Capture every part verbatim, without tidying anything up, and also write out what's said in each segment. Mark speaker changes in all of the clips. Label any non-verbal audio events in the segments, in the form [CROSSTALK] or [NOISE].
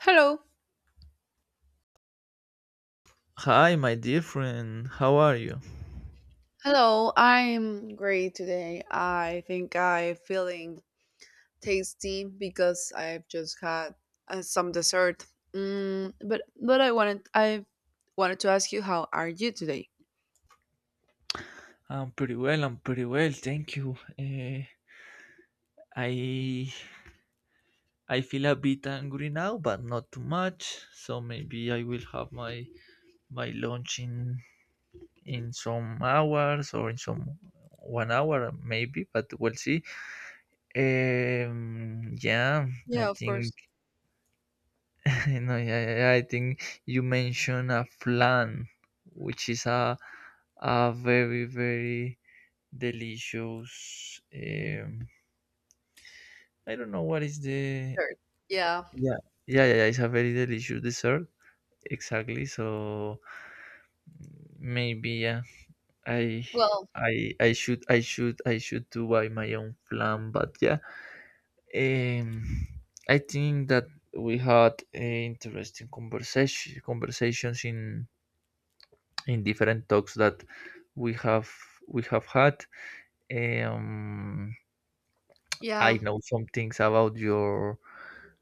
Speaker 1: Hello.
Speaker 2: Hi, my dear friend. How are you?
Speaker 1: Hello. I'm great today. I think I'm feeling tasty because I've just had uh, some dessert. Mm, but but I wanted I wanted to ask you, how are you today?
Speaker 2: I'm pretty well. I'm pretty well. Thank you. Uh, I I feel a bit angry now, but not too much. So maybe I will have my my lunch in in some hours or in some one hour maybe, but we'll see. Um, yeah, I
Speaker 1: Yeah, of
Speaker 2: think
Speaker 1: course.
Speaker 2: [LAUGHS] no, yeah, yeah, yeah, I think you mentioned a flan, which is a a very very delicious. Um, I don't know what is the.
Speaker 1: Sure. Yeah.
Speaker 2: Yeah. Yeah, yeah, yeah, it's a very delicious dessert. Exactly. So maybe yeah, I.
Speaker 1: Well,
Speaker 2: I, I should I should I should do by my own plan, but yeah um I think that we had uh, interesting conversation conversations in in different talks that we have we have had. um
Speaker 1: yeah,
Speaker 2: I know some things about your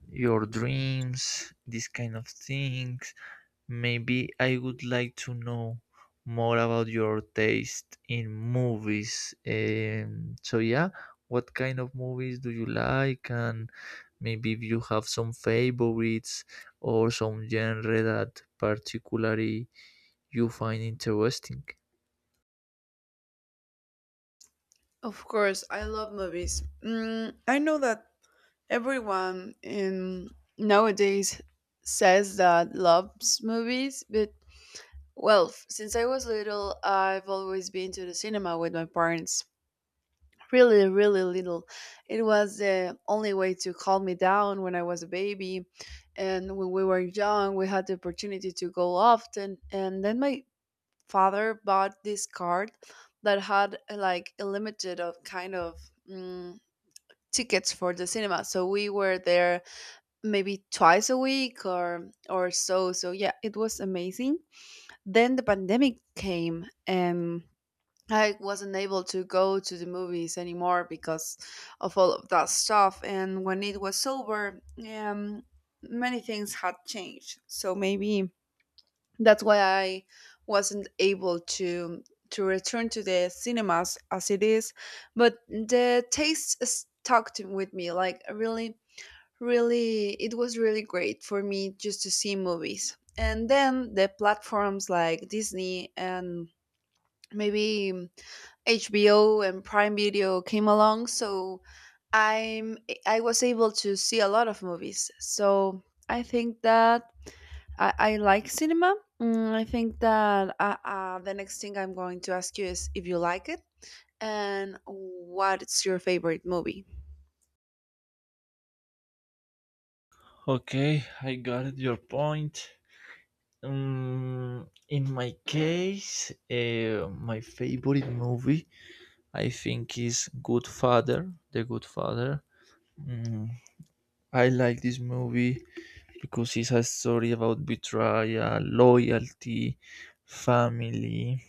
Speaker 2: your dreams, these kind of things. Maybe I would like to know more about your taste in movies. Um, so yeah, what kind of movies do you like, and maybe if you have some favorites or some genre that particularly you find interesting.
Speaker 1: of course. I love movies. Mm, I know that everyone in nowadays says that loves movies, but well, f- since I was little, I've always been to the cinema with my parents. Really, really little. It was the only way to calm me down when I was a baby. And when we were young, we had the opportunity to go often. And then my father bought this card that had uh, like a limited of kind of mm, tickets for the cinema. So we were there maybe twice a week or or so. So yeah, it was amazing. Then the pandemic came and I wasn't able to go to the movies anymore because of all of that stuff. And when it was over, um, many things had changed. So maybe that's why I wasn't able to to return to the cinemas as it is. But the taste stuck to- with me. Like, I really, really, it was really great for me just to see movies. And then the platforms like Disney and maybe um, HBO and Prime Video came along, so i'm I was able to see a lot of movies. So I think that i, I like cinema. Mm, I think that uh, uh, the next thing I'm going to ask you is if you like it and what's your favorite movie.
Speaker 2: Okay, I got your point. Um, in my case, uh, my favorite movie, I think, is Good Father, The Good Father. Mm, I like this movie because it's a story about betrayal, loyalty, family,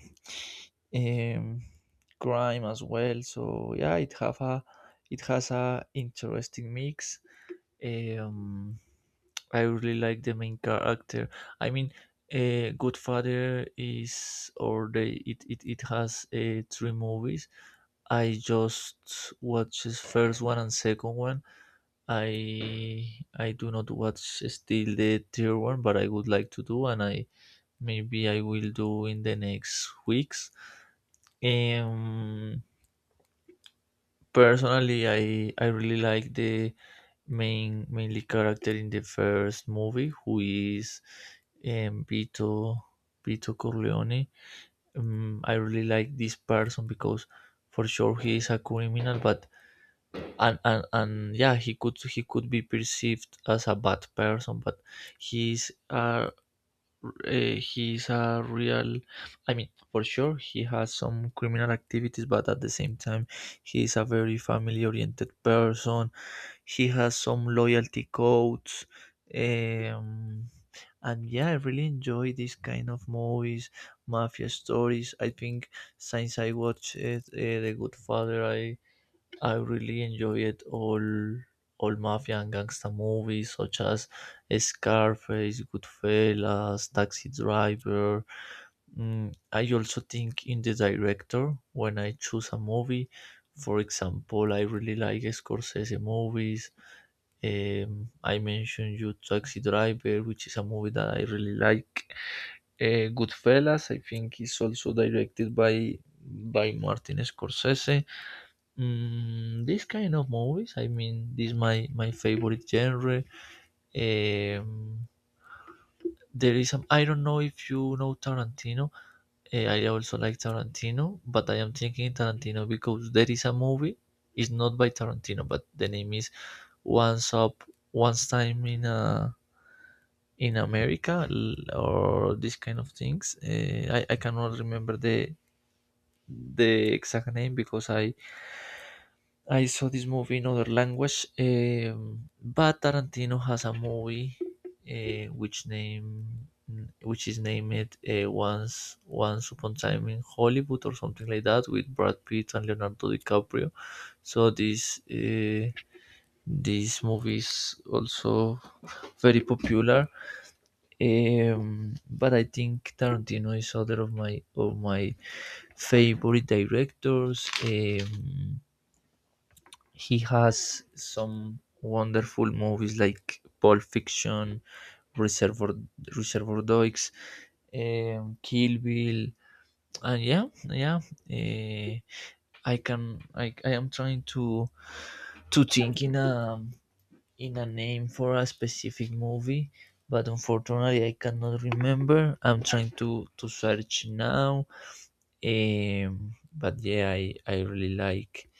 Speaker 2: um, crime as well. So yeah, it have a, it has a interesting mix. Um, I really like the main character. I mean, uh, Godfather is or they it it, it has uh, three movies. I just watches first one and second one. I I do not watch still the third one, but I would like to do, and I maybe I will do in the next weeks. Um, Personally, I I really like the main mainly character in the first movie, who is um, Vito Vito Corleone. Um, I really like this person because for sure he is a criminal, but and, and and yeah, he could he could be perceived as a bad person, but he's a uh, he's a real. I mean, for sure he has some criminal activities, but at the same time he's a very family oriented person. He has some loyalty codes, um, and yeah, I really enjoy these kind of movies, mafia stories. I think since I watched uh, the Good Father, i I really enjoyed all all mafia and gangster movies such as Scarface, Goodfellas, Taxi Driver. Mm, I also think in the director when I choose a movie. For example, I really like Scorsese movies. Um, I mentioned you Taxi Driver, which is a movie that I really like. Uh, Goodfellas, I think, is also directed by by Martin Scorsese. Mm, this kind of movies, I mean, this my my favorite genre. Um, there is some. I don't know if you know Tarantino. Eh, I also like Tarantino, but I am thinking Tarantino because there is a movie. It's not by Tarantino, but the name is Once Up, Once Time in a in America, l- or this kind of things. Eh, I I cannot remember the the exact name because I I saw this movie in other language, um, but Tarantino has a movie uh, which name which is named uh, once once upon a time in Hollywood or something like that with Brad Pitt and Leonardo DiCaprio. So this uh, this movie is also very popular. Um, but I think Tarantino is other of my of my favorite directors. Um, he has some wonderful movies like Pulp Fiction, Reservoir Reservoir Dogs, um, Kill Bill, and yeah, yeah. eh, I can I, I am trying to to think in a in a name for a specific movie, but unfortunately I cannot remember. I'm trying to to search now. Um, but yeah, I I really like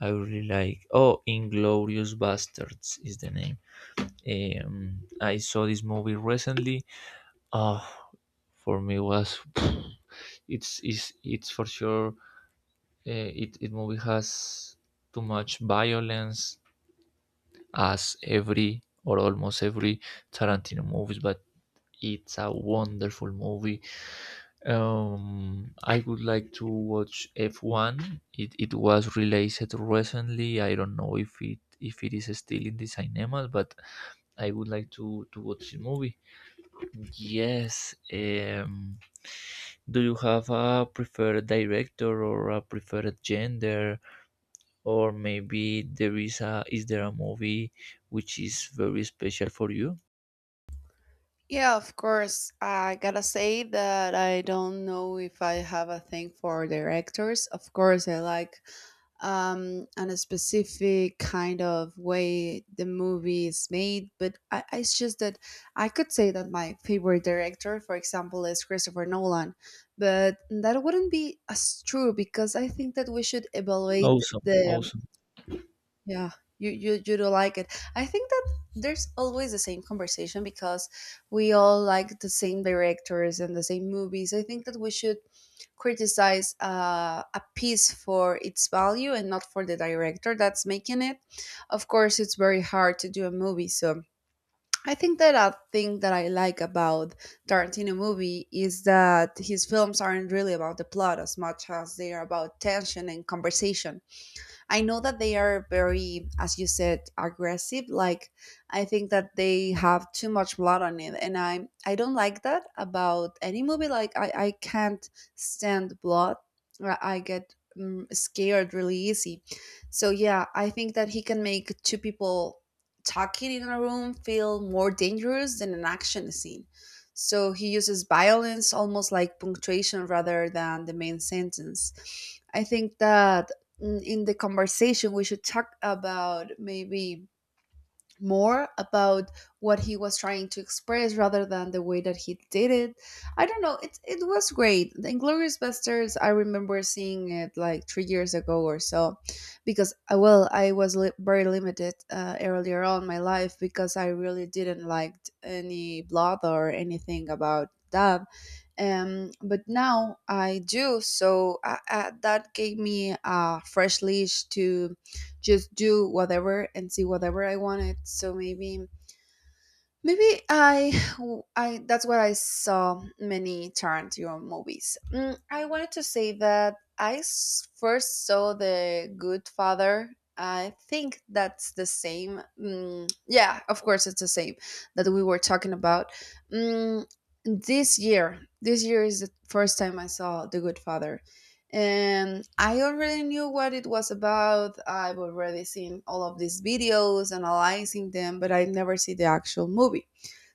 Speaker 2: I really like. Oh, Inglorious Bastards is the name. Um, I saw this movie recently. Oh, for me was [SIGHS] [SNIFFS] it's it's it's for sure. Uh, it it movie has too much violence as every or almost every Tarantino movies, but it's a wonderful movie. Um, I would like to watch F one. It, it was released recently. I don't know if it if it is still in the cinemas, but I would like to to watch the movie. Yes. Um, do you have a preferred director or a preferred gender, or maybe there is a is there a movie which is very special for you?
Speaker 1: Yeah, of course. I gotta say that I don't know if I have a thing for directors. Of course, I like um, a specific kind of way the movie is made, but I, I- it's just that I could say that my favorite director, for example, is Christopher Nolan, but that wouldn't be as true because I think that we should evaluate
Speaker 2: Awesome,
Speaker 1: the
Speaker 2: awesome.
Speaker 1: yeah, you, you you do like it. I think that there's always the same conversation because we all like the same directors and the same movies. I think that we should criticize uh, a piece for its value and not for the director that's making it. Of course, it's very hard to do a movie, so I think that a thing that I like about Tarantino movie is that his films aren't really about the plot as much as they are about tension and conversation. I know that they are very, as you said, aggressive. Like, I think that they have too much blood on it, and I I don't like that about any movie. Like, I I can't stand blood. I I get mm, scared really easy. So yeah, I think that he can make two people talking in a room feel more dangerous than an action scene. So he uses violence almost like punctuation rather than the main sentence. I think that mm, in the conversation we should talk about maybe more about what he was trying to express rather than the way that he did it. I don't know. It it was great. The Inglorious Bastards. I remember seeing it like three years ago or so, because I, well, I was li- very limited uh, earlier on in my life because I really didn't like any blood or anything about that. Um, but now I do. So uh, uh, that gave me a fresh leash to just do whatever and see whatever I wanted. So maybe maybe I I that's what I saw many Tarantino movies. Mm, I wanted to say that I s- first saw The Good Father. I think that's the same. Mm, yeah, of course it's the same that we were talking about. Mm, this year, this year is the first time I saw The Good Father, and I already knew what it was about. I've already seen all of these videos, analyzing them, but I never see the actual movie.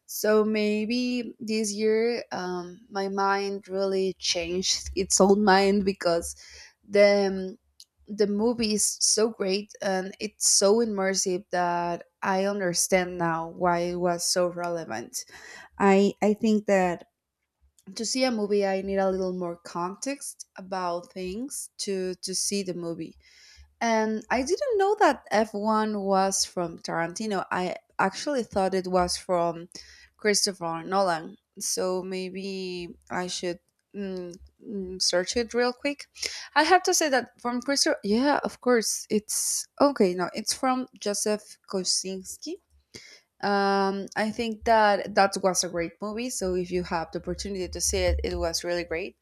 Speaker 1: So maybe this year, um, my mind really changed [LAUGHS] its own mind because the um, the movie is so great and it's so immersive that I understand now why it was so relevant. I I think that to see a movie I need a little more context about things to to see the movie. And I didn't know that F one was from Tarantino. I actually thought it was from Christopher Nolan. So maybe I should mm, mm, search it real quick. I have to say that from Christopher, yeah, of course, it's okay, no, it's from Joseph Kosinski. um, I think that that was a great movie. So if you have the opportunity to see it, it was really great.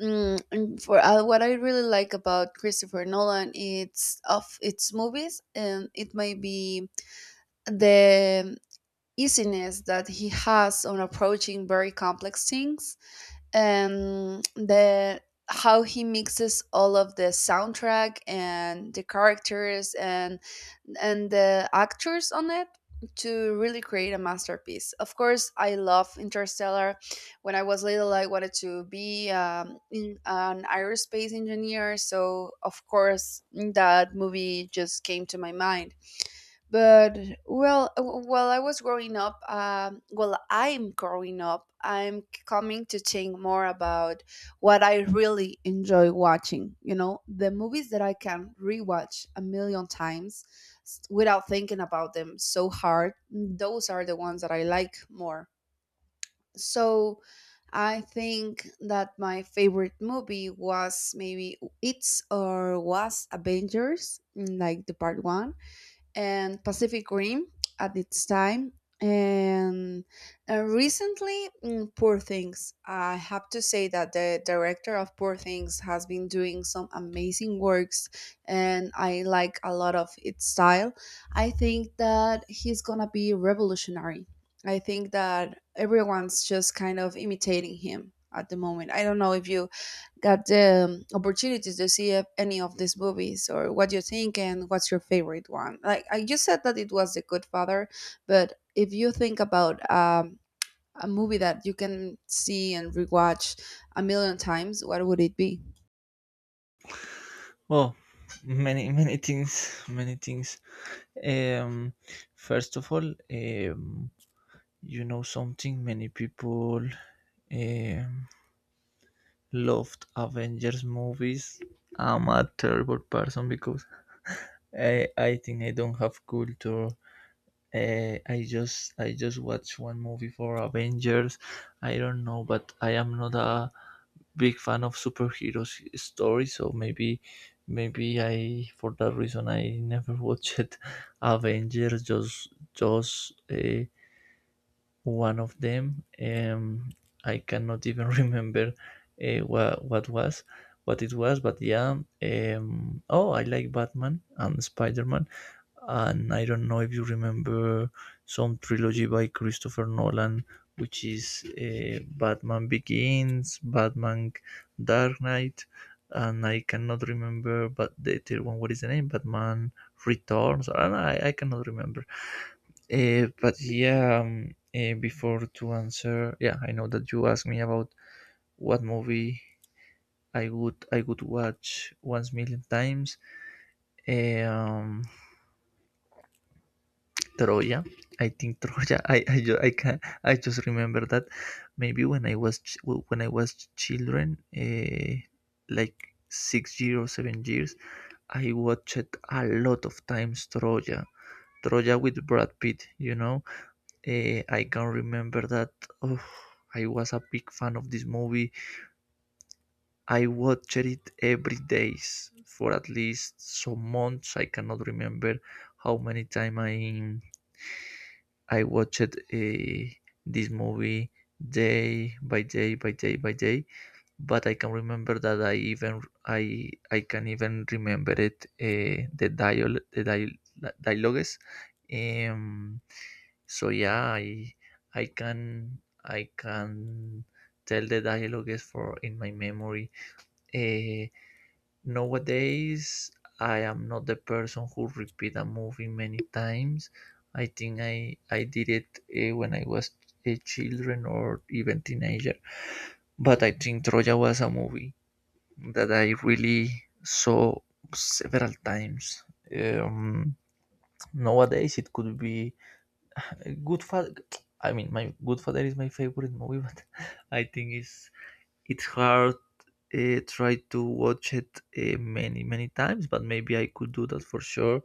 Speaker 1: Mm, and for uh, what I really like about Christopher Nolan, it's of its movies, and it may be the easiness that he has on approaching very complex things, um, the how he mixes all of the soundtrack and the characters and and the actors on it to really create a masterpiece. Of course, I love Interstellar. When I was little, I wanted to be um, in, an aerospace engineer, so of course that movie just came to my mind. But well, w- while I was growing up, um, well, I'm growing up, I'm coming to think more about what I really enjoy watching, you know, the movies that I can rewatch a million times, s- without thinking about them so hard. Those are the ones that I like more. So I think that my favorite movie was, maybe it's or was, Avengers, like the part one, and Pacific Rim at its time. And, and recently, mm, Poor Things. I have to say that the director of Poor Things has been doing some amazing works, and I like a lot of its style. I think that he's gonna be revolutionary. I think that everyone's just kind of imitating him at the moment. I don't know if you got the opportunities to see if any of these movies or what you think and what's your favorite one. Like, I just said that it was The Good Father, but if you think about um, a movie that you can see and rewatch a million times, what would it be?
Speaker 2: Oh, many many things, many things. Um, first of all, um, you know something, many people um, loved Avengers movies. I'm a terrible person because I, I think I don't have culture. Uh, I just I just watch one movie for Avengers. I don't know, but I am not a big fan of superheroes stories. So maybe maybe I for that reason I never watched [LAUGHS] Avengers. Just just uh, one of them. Um, I cannot even [LAUGHS] remember uh, what what was what it was, but yeah. Um, oh, I like Batman and Spider Man, and I don't know if you remember some trilogy by Christopher Nolan, which is uh, Batman Begins, Batman Dark Knight, and I cannot remember, but the third one, what is the name? Batman Returns, and I, I cannot remember. Uh, but yeah, um, uh, before to answer, yeah, I know that you asked me about what movie I would I would watch once million times. Eh, Um, Troya. I think [LAUGHS] Troya. I I, ju- I can I just remember that maybe when I was ch- when I was children, uh, like six years or seven years, I watched a lot of times Troya. Troya with Brad Pitt, you know. Eh, I can remember that, oh, I was a big fan of this movie. I watched it every days for at least some months. I cannot remember how many time I I watched eh, this movie day by day by day by day. But I can remember that I even I I can even remember it, eh, the dial the dial dialogues. Um, So yeah, I I can I can tell the dialogue is for in my memory. Eh, nowadays, I am not the person who repeat a movie many times. I think I I did it eh, when I was a children or even teenager. But I think Troja was a movie that I really saw several times. Um, nowadays, it could be Goodfather. I mean, my Goodfather is my favorite movie, but [LAUGHS] I think it's it's hard. Uh, try to watch it uh, many many times, but maybe I could do that for sure.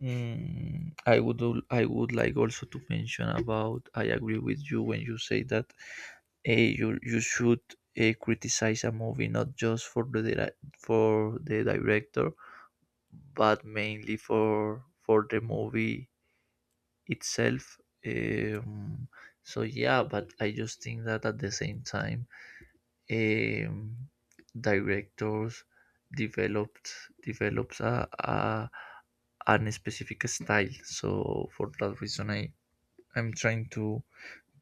Speaker 2: Mm, I would al- I would like also to mention about. I agree with you when you say that uh, you you should uh, criticize a movie not just for the dira- for the director, but mainly for for the movie itself. Um, so yeah, but I just think that at the same time, um, directors developed develops a, a an specific style. So for that reason, I I'm trying to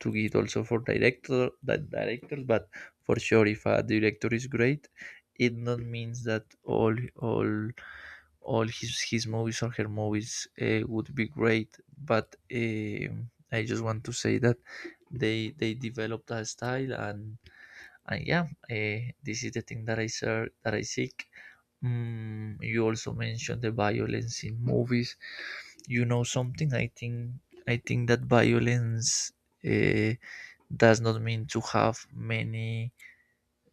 Speaker 2: to get also for director that directors, but for sure if a director is great, it not means that all all all his his movies or her movies uh, would be great. But um I just want to say that they they developed a style. And uh, yeah, eh, this is the thing that i ser- that I seek. Mm, you also mentioned the violence in movies. You know something, i think I think that violence eh, does not mean to have many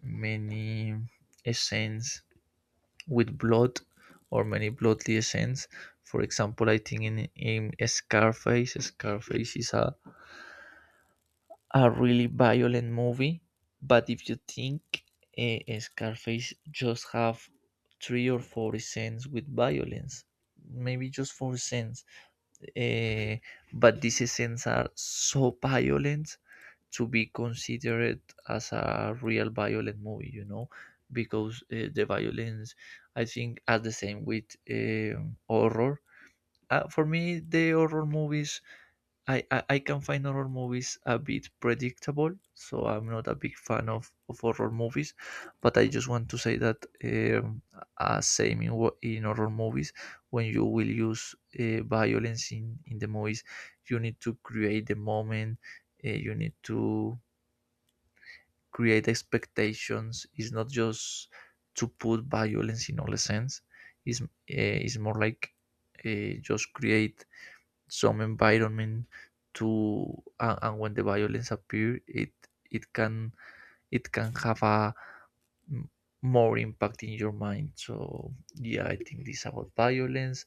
Speaker 2: many scenes with blood or many bloodly scenes. For example, I think in in Scarface, Scarface is a a really violent movie, but if you think, uh, Scarface just have three or four scenes with violence, maybe just four scenes, uh, but these scenes are so violent to be considered as a real violent movie, you know, because uh, the violence, I think, are the same with um, horror. Uh, for me, the horror movies I, I, I can find horror movies a bit predictable, so I'm not a big fan of, of horror movies. But I just want to say that, um, as same in, wo- in horror movies, when you will use uh, violence in, in the movies, you need to create the moment, uh, you need to create expectations. It's not just to put violence in all the sense, it's, uh, it's more like uh, just create some environment to. and, and when the violence appear, it it can, it can have a m- more impact in your mind. So yeah, I think this about violence.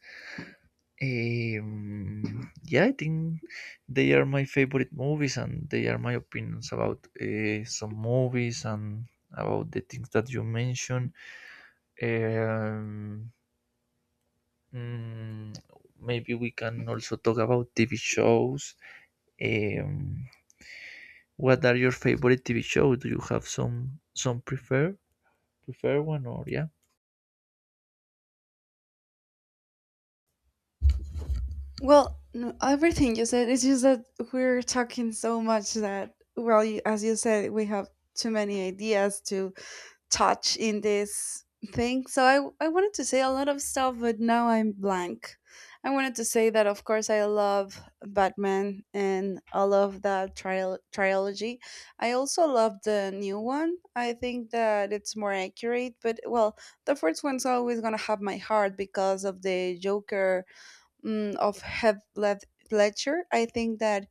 Speaker 2: um, yeah, I think they are my favorite movies and they are my opinions about uh, some movies and about the things that you mentioned. um, mm, maybe we can also talk about TV shows. um, what are your favorite T V show? Do you have some some prefer prefer one or yeah?
Speaker 1: Well, no, everything you said. It's just that we're talking so much that, well, you, as you said, we have too many ideas to touch in this thing. So I I wanted to say a lot of stuff, but now I'm blank. I wanted to say that of course I love Batman and I love that trial trilogy. I also love the new one. I think that it's more accurate, but well, the first one's always gonna have my heart because of the Joker, mm, of Heath Led- Ledger. I think that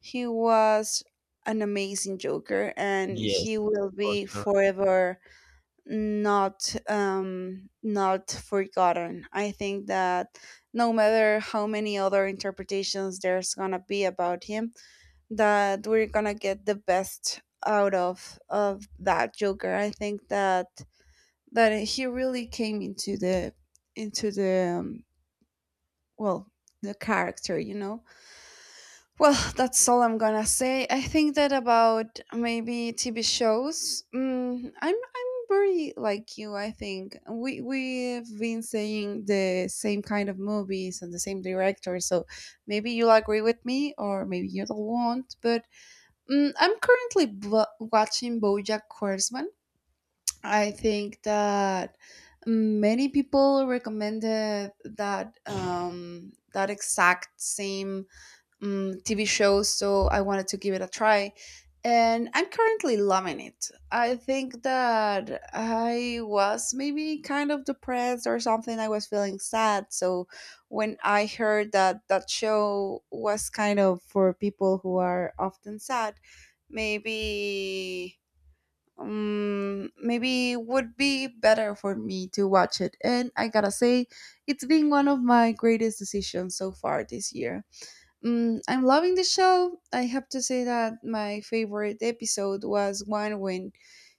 Speaker 1: he was an amazing Joker, and he will be forever not um, not forgotten. I think that no matter how many other interpretations there's gonna be about him, that we're gonna get the best out of of that Joker. I think that that he really came into the into the um, well, the character, you know. Well, that's all I'm gonna say. I think that about maybe T V shows. Mm, I'm I'm very like you. I think we we've been saying the same kind of movies and the same director. So maybe you'll agree with me, or maybe you don't want. But mm, I'm currently bo- watching BoJack Horseman. I think that many people recommended that um, that exact same um, T V shows, so I wanted to give it a try. And I'm currently loving it. I think that I was maybe kind of depressed or something. I was feeling sad. So when I heard that that show was kind of for people who are often sad, maybe um, maybe it would be better for me to watch it. And I gotta say, it's been one of my greatest decisions so far this year. Mm, I'm loving the show. I have to say that my favorite episode was one when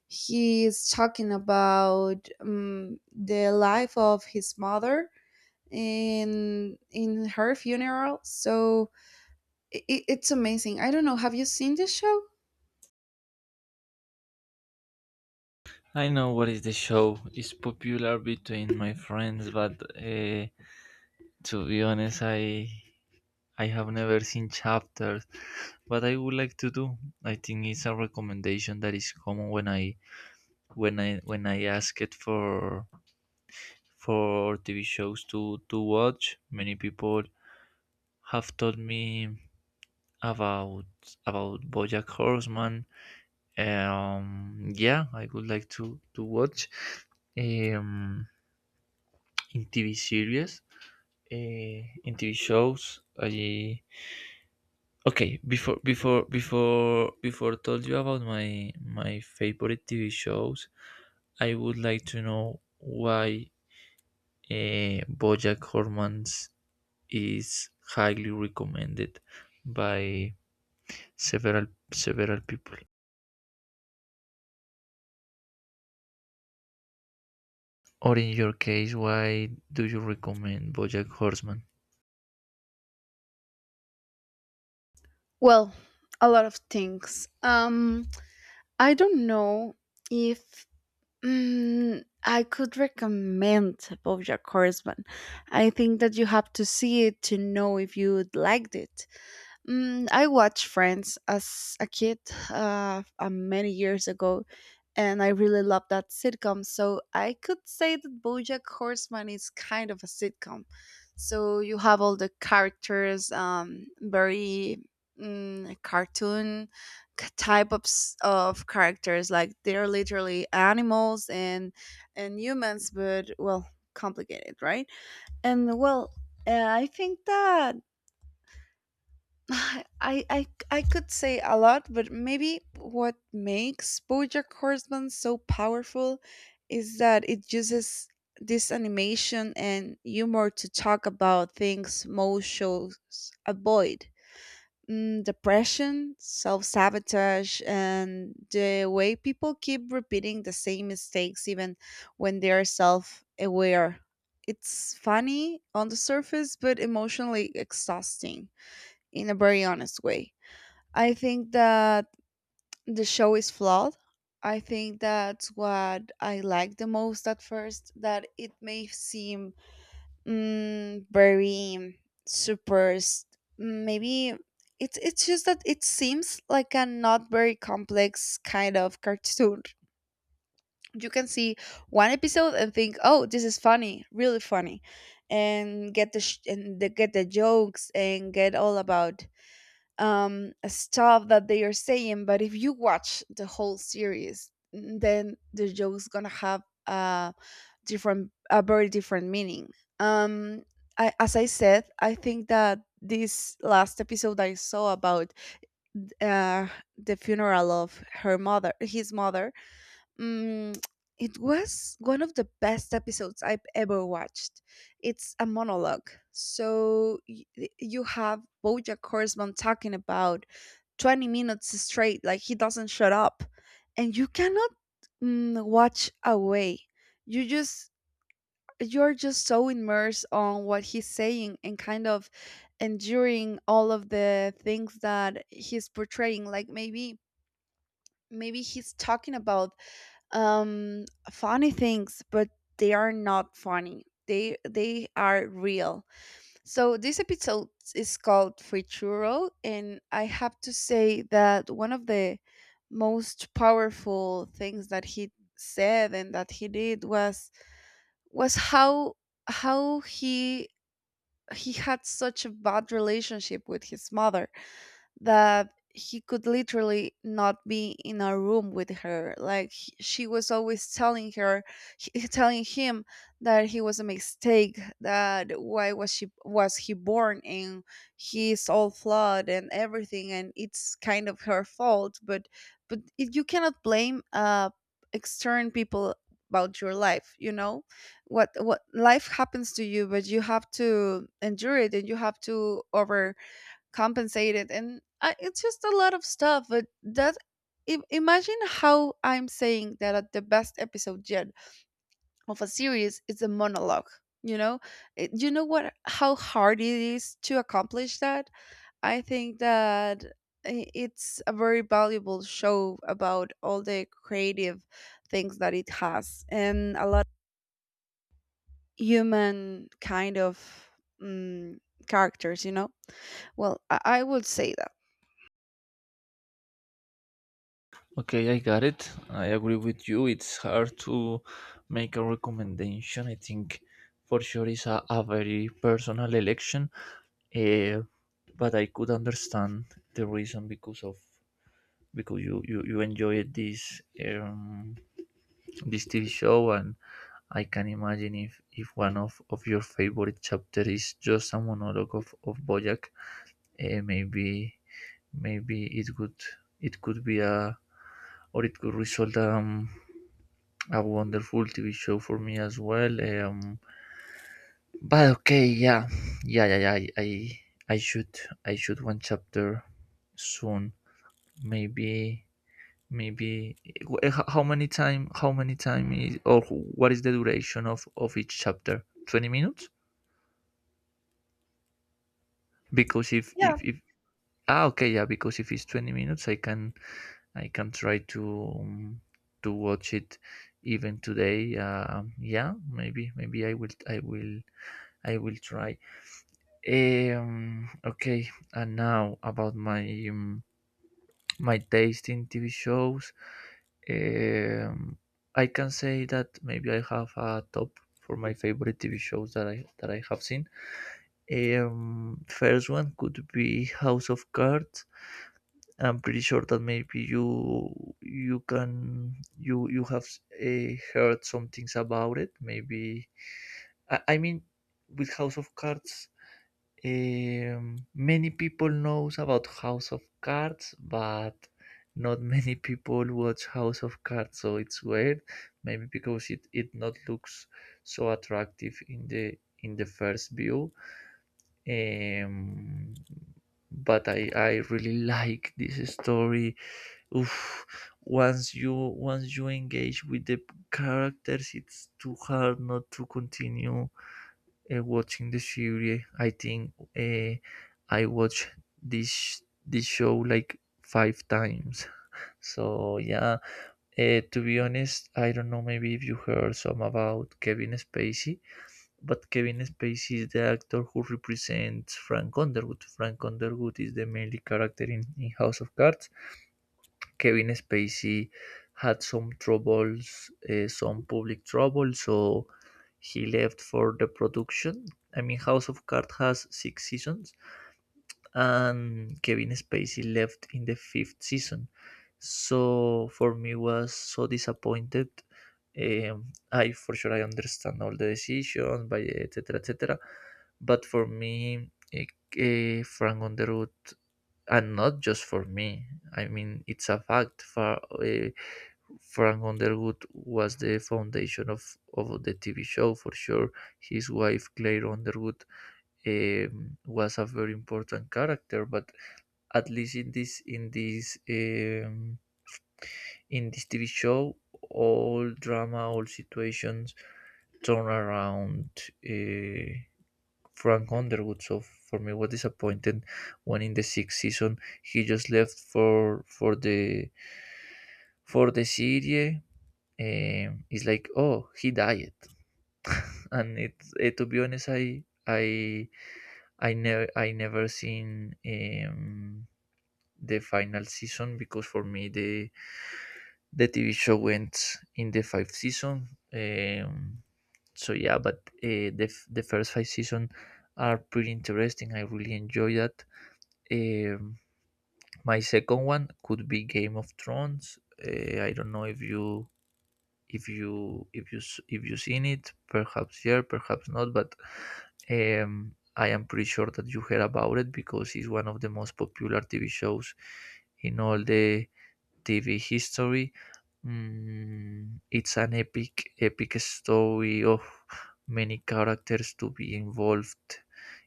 Speaker 1: he's talking about um, the life of his mother in in her funeral. So it, it's amazing. I don't know. Have you seen this show?
Speaker 2: I know what is the show. It's popular between my friends, but uh, to be honest, I I have never seen chapters. But I would like to do. I think it's a recommendation that is common when I when I when I ask it for for T V shows to to watch. Many people have told me about about BoJack Horseman. Um, yeah, I would like to to watch, um, in T V series, uh, in T V shows. I okay before before before before I told you about my my favorite T V shows. I would like to know why, uh, BoJack Horseman's is highly recommended by several several people. Or in your case, why do you recommend BoJack Horseman?
Speaker 1: Well, a lot of things. Um, I don't know if mm, I could recommend BoJack Horseman. I think that you have to see it to know if you would liked it. Mm, I watched Friends as a kid uh, uh, many years ago, and I really loved that sitcom. So I could say that BoJack Horseman is kind of a sitcom. So you have all the characters, um, very mm, cartoon k- type of s- of characters, like they're literally animals and and humans, but well, complicated, right? And well, uh, I think that [SIGHS] I, I I could say a lot, but maybe what makes BoJack Horseman so powerful is that it uses this animation and humor to talk about things most shows avoid. Mm, depression, self-sabotage, and the way people keep repeating the same mistakes even when they are self-aware. It's funny on the surface, but emotionally exhausting in a very honest way. I think that the show is flawed. I think that's what I like the most at first, that it may seem mm, very super, s- maybe it's it's just that it seems like a not very complex kind of cartoon. You can see one episode and think, "Oh, this is funny, really funny," and get the sh- and the, get the jokes and get all about um, stuff that they are saying. But if you watch the whole series, mm, then the joke's gonna have a different, a very different meaning. Um, I, as I said, I think that this last episode I saw about uh, the funeral of her mother, his mother, mm, it was one of the best episodes I've ever watched. It's a monologue. So y- you have Bojack Horseman talking about twenty minutes straight, like he doesn't shut up. And you cannot mm, watch away. You just, you're just so immersed on what he's saying and kind of enduring all of the things that he's portraying, like maybe maybe he's talking about um funny things, but they are not funny, they they are real. So this episode is called Futuro, and I have to say that one of the most powerful things that he said and that he did was was how how he he had such a bad relationship with his mother that he could literally not be in a room with her, like he- she was always telling her, he- [LAUGHS] telling him that he was a mistake, that why was she was he born, and he's all flawed and everything and it's kind of her fault. but but it, you cannot blame uh external people about your life, you know, what what life happens to you, but you have to endure it and you have to over compensated. And I, it's just a lot of stuff, but that im- imagine how I'm saying that at the best episode yet of a series is a monologue, you know. It- you know what how hard it is to accomplish that. I think that i- it's a very valuable show about all the creative things that it has and a lot of human kind of mm, characters, you know. Well, i, I would say that
Speaker 2: Okay, I got it. I agree with you. It's hard to make a recommendation. I think for sure it's a, a very personal election. Uh, but I could understand the reason because of because you you, you enjoyed this, um, this T V show, and I can imagine if, if one of, of your favorite chapter is just a monologue of, of Bojack, eh, maybe maybe it could it could be a, or it could result um a wonderful T V show for me as well. Um, but okay, yeah, yeah, yeah, yeah. I, I I should, I should one chapter soon. Maybe, maybe wh- h- how many time how many time is, or what is the duration of of each chapter? Twenty minutes? Because if
Speaker 1: yeah,
Speaker 2: if if ah, okay, yeah, because if it's twenty minutes I can, I can try to, um, to watch it even today. Um, yeah, maybe maybe I will I will I will try. Um, okay, and now about my, um, my taste in T V shows. Um, I can say that maybe I have a top for my favorite T V shows that I that I have seen. Um, first one could be House of Cards. I'm pretty sure that maybe you you can you you have, uh, heard some things about it. Maybe I, I mean with House of Cards, um, many people knows about House of Cards, but not [LAUGHS] many people watch House of Cards, so it's weird. Maybe because it, it not looks so attractive in the, in the first view. Um, but I, I really [LAUGHS] like this story. Oof, once you once you engage with the characters, it's too hard not to continue, uh, watching the series. I think, uh, I watched this this show like five times. [LAUGHS] So yeah, uh, to be honest, I don't know. Maybe if you heard some about Kevin Spacey, but Kevin Spacey is the actor who represents Frank Underwood. Frank Underwood is the main character in, in House of Cards. Kevin Spacey had some troubles, uh, some public trouble, so he left for the production. I mean, House of Cards has six seasons, and Kevin Spacey left in the fifth season. So for me was so disappointed. Um, I for sure I understand all the decisions by etc etc, but for me, eh, eh, Frank Underwood, and not just for me. I mean it's a fact. For, uh, Frank Underwood was the foundation of, of the T V show for sure. His wife Claire Underwood, um, was a very important character, but at least in this in this, um, in this TV show, all drama, all situations turn around, uh, Frank Underwood. So for me was disappointed when in the sixth season he just left for for the, for the serie. Um, it's like, oh, he died. [LAUGHS] And it, eh, to be honest, i i I never I never seen, um, the final season, because for me the the T V show went in the fifth season. Um, so yeah, but uh, the f- the first five season are pretty interesting. I really enjoy that. Um, my second one could be Game of Thrones. Uh, I don't know if you if you if you s- if you seen it, perhaps yeah, perhaps not, but, um, I am pretty sure that you heard about it because it's one of the most popular TV shows in all the TV history. Mm, it's an epic epic story of many characters to be involved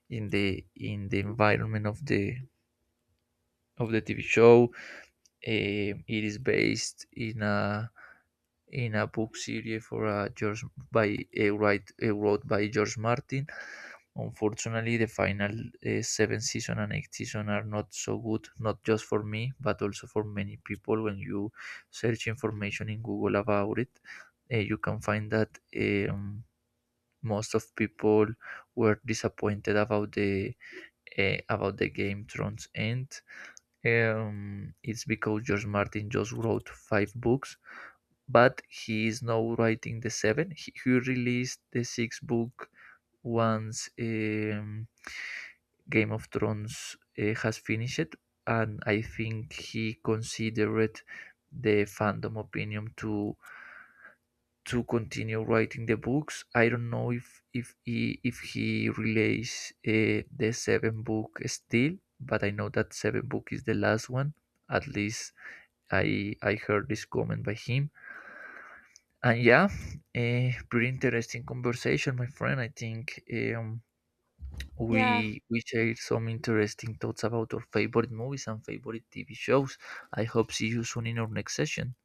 Speaker 2: in the, in the environment of the, of the TV show. Um, it is based in a, in a book series for a George by a write, a wrote by George Martin. Unfortunately, the final, uh, seven season and eight season are not so good, not just for me, but also for many people. When you search information in Google about it, uh, you can find that eh, um, most of people were disappointed about the, uh, about the Game of Thrones end. Eh, Um, it's because George Martin just wrote five books, but he is now writing the seven. He, he released the sixth book once, um, Game of Thrones, uh, has finished, and I think he considered the fandom opinion to to continue writing the books. I don't know if if he if he release, uh, the seven book still, but I know that seven book is the last one. At least I I heard this comment by him. And yeah, eh, pretty interesting conversation, my friend. I think, um,
Speaker 1: yeah.
Speaker 2: we we shared some interesting thoughts about our favorite movies and favorite T V shows. I hope see you soon in our next session.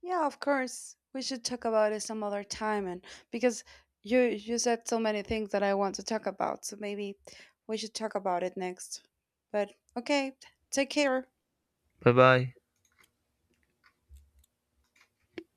Speaker 1: Yeah, of course. We should talk about it some other time and because you you said so many things that I want to talk about, so maybe we should talk about it next. But okay, take care.
Speaker 2: Bye bye.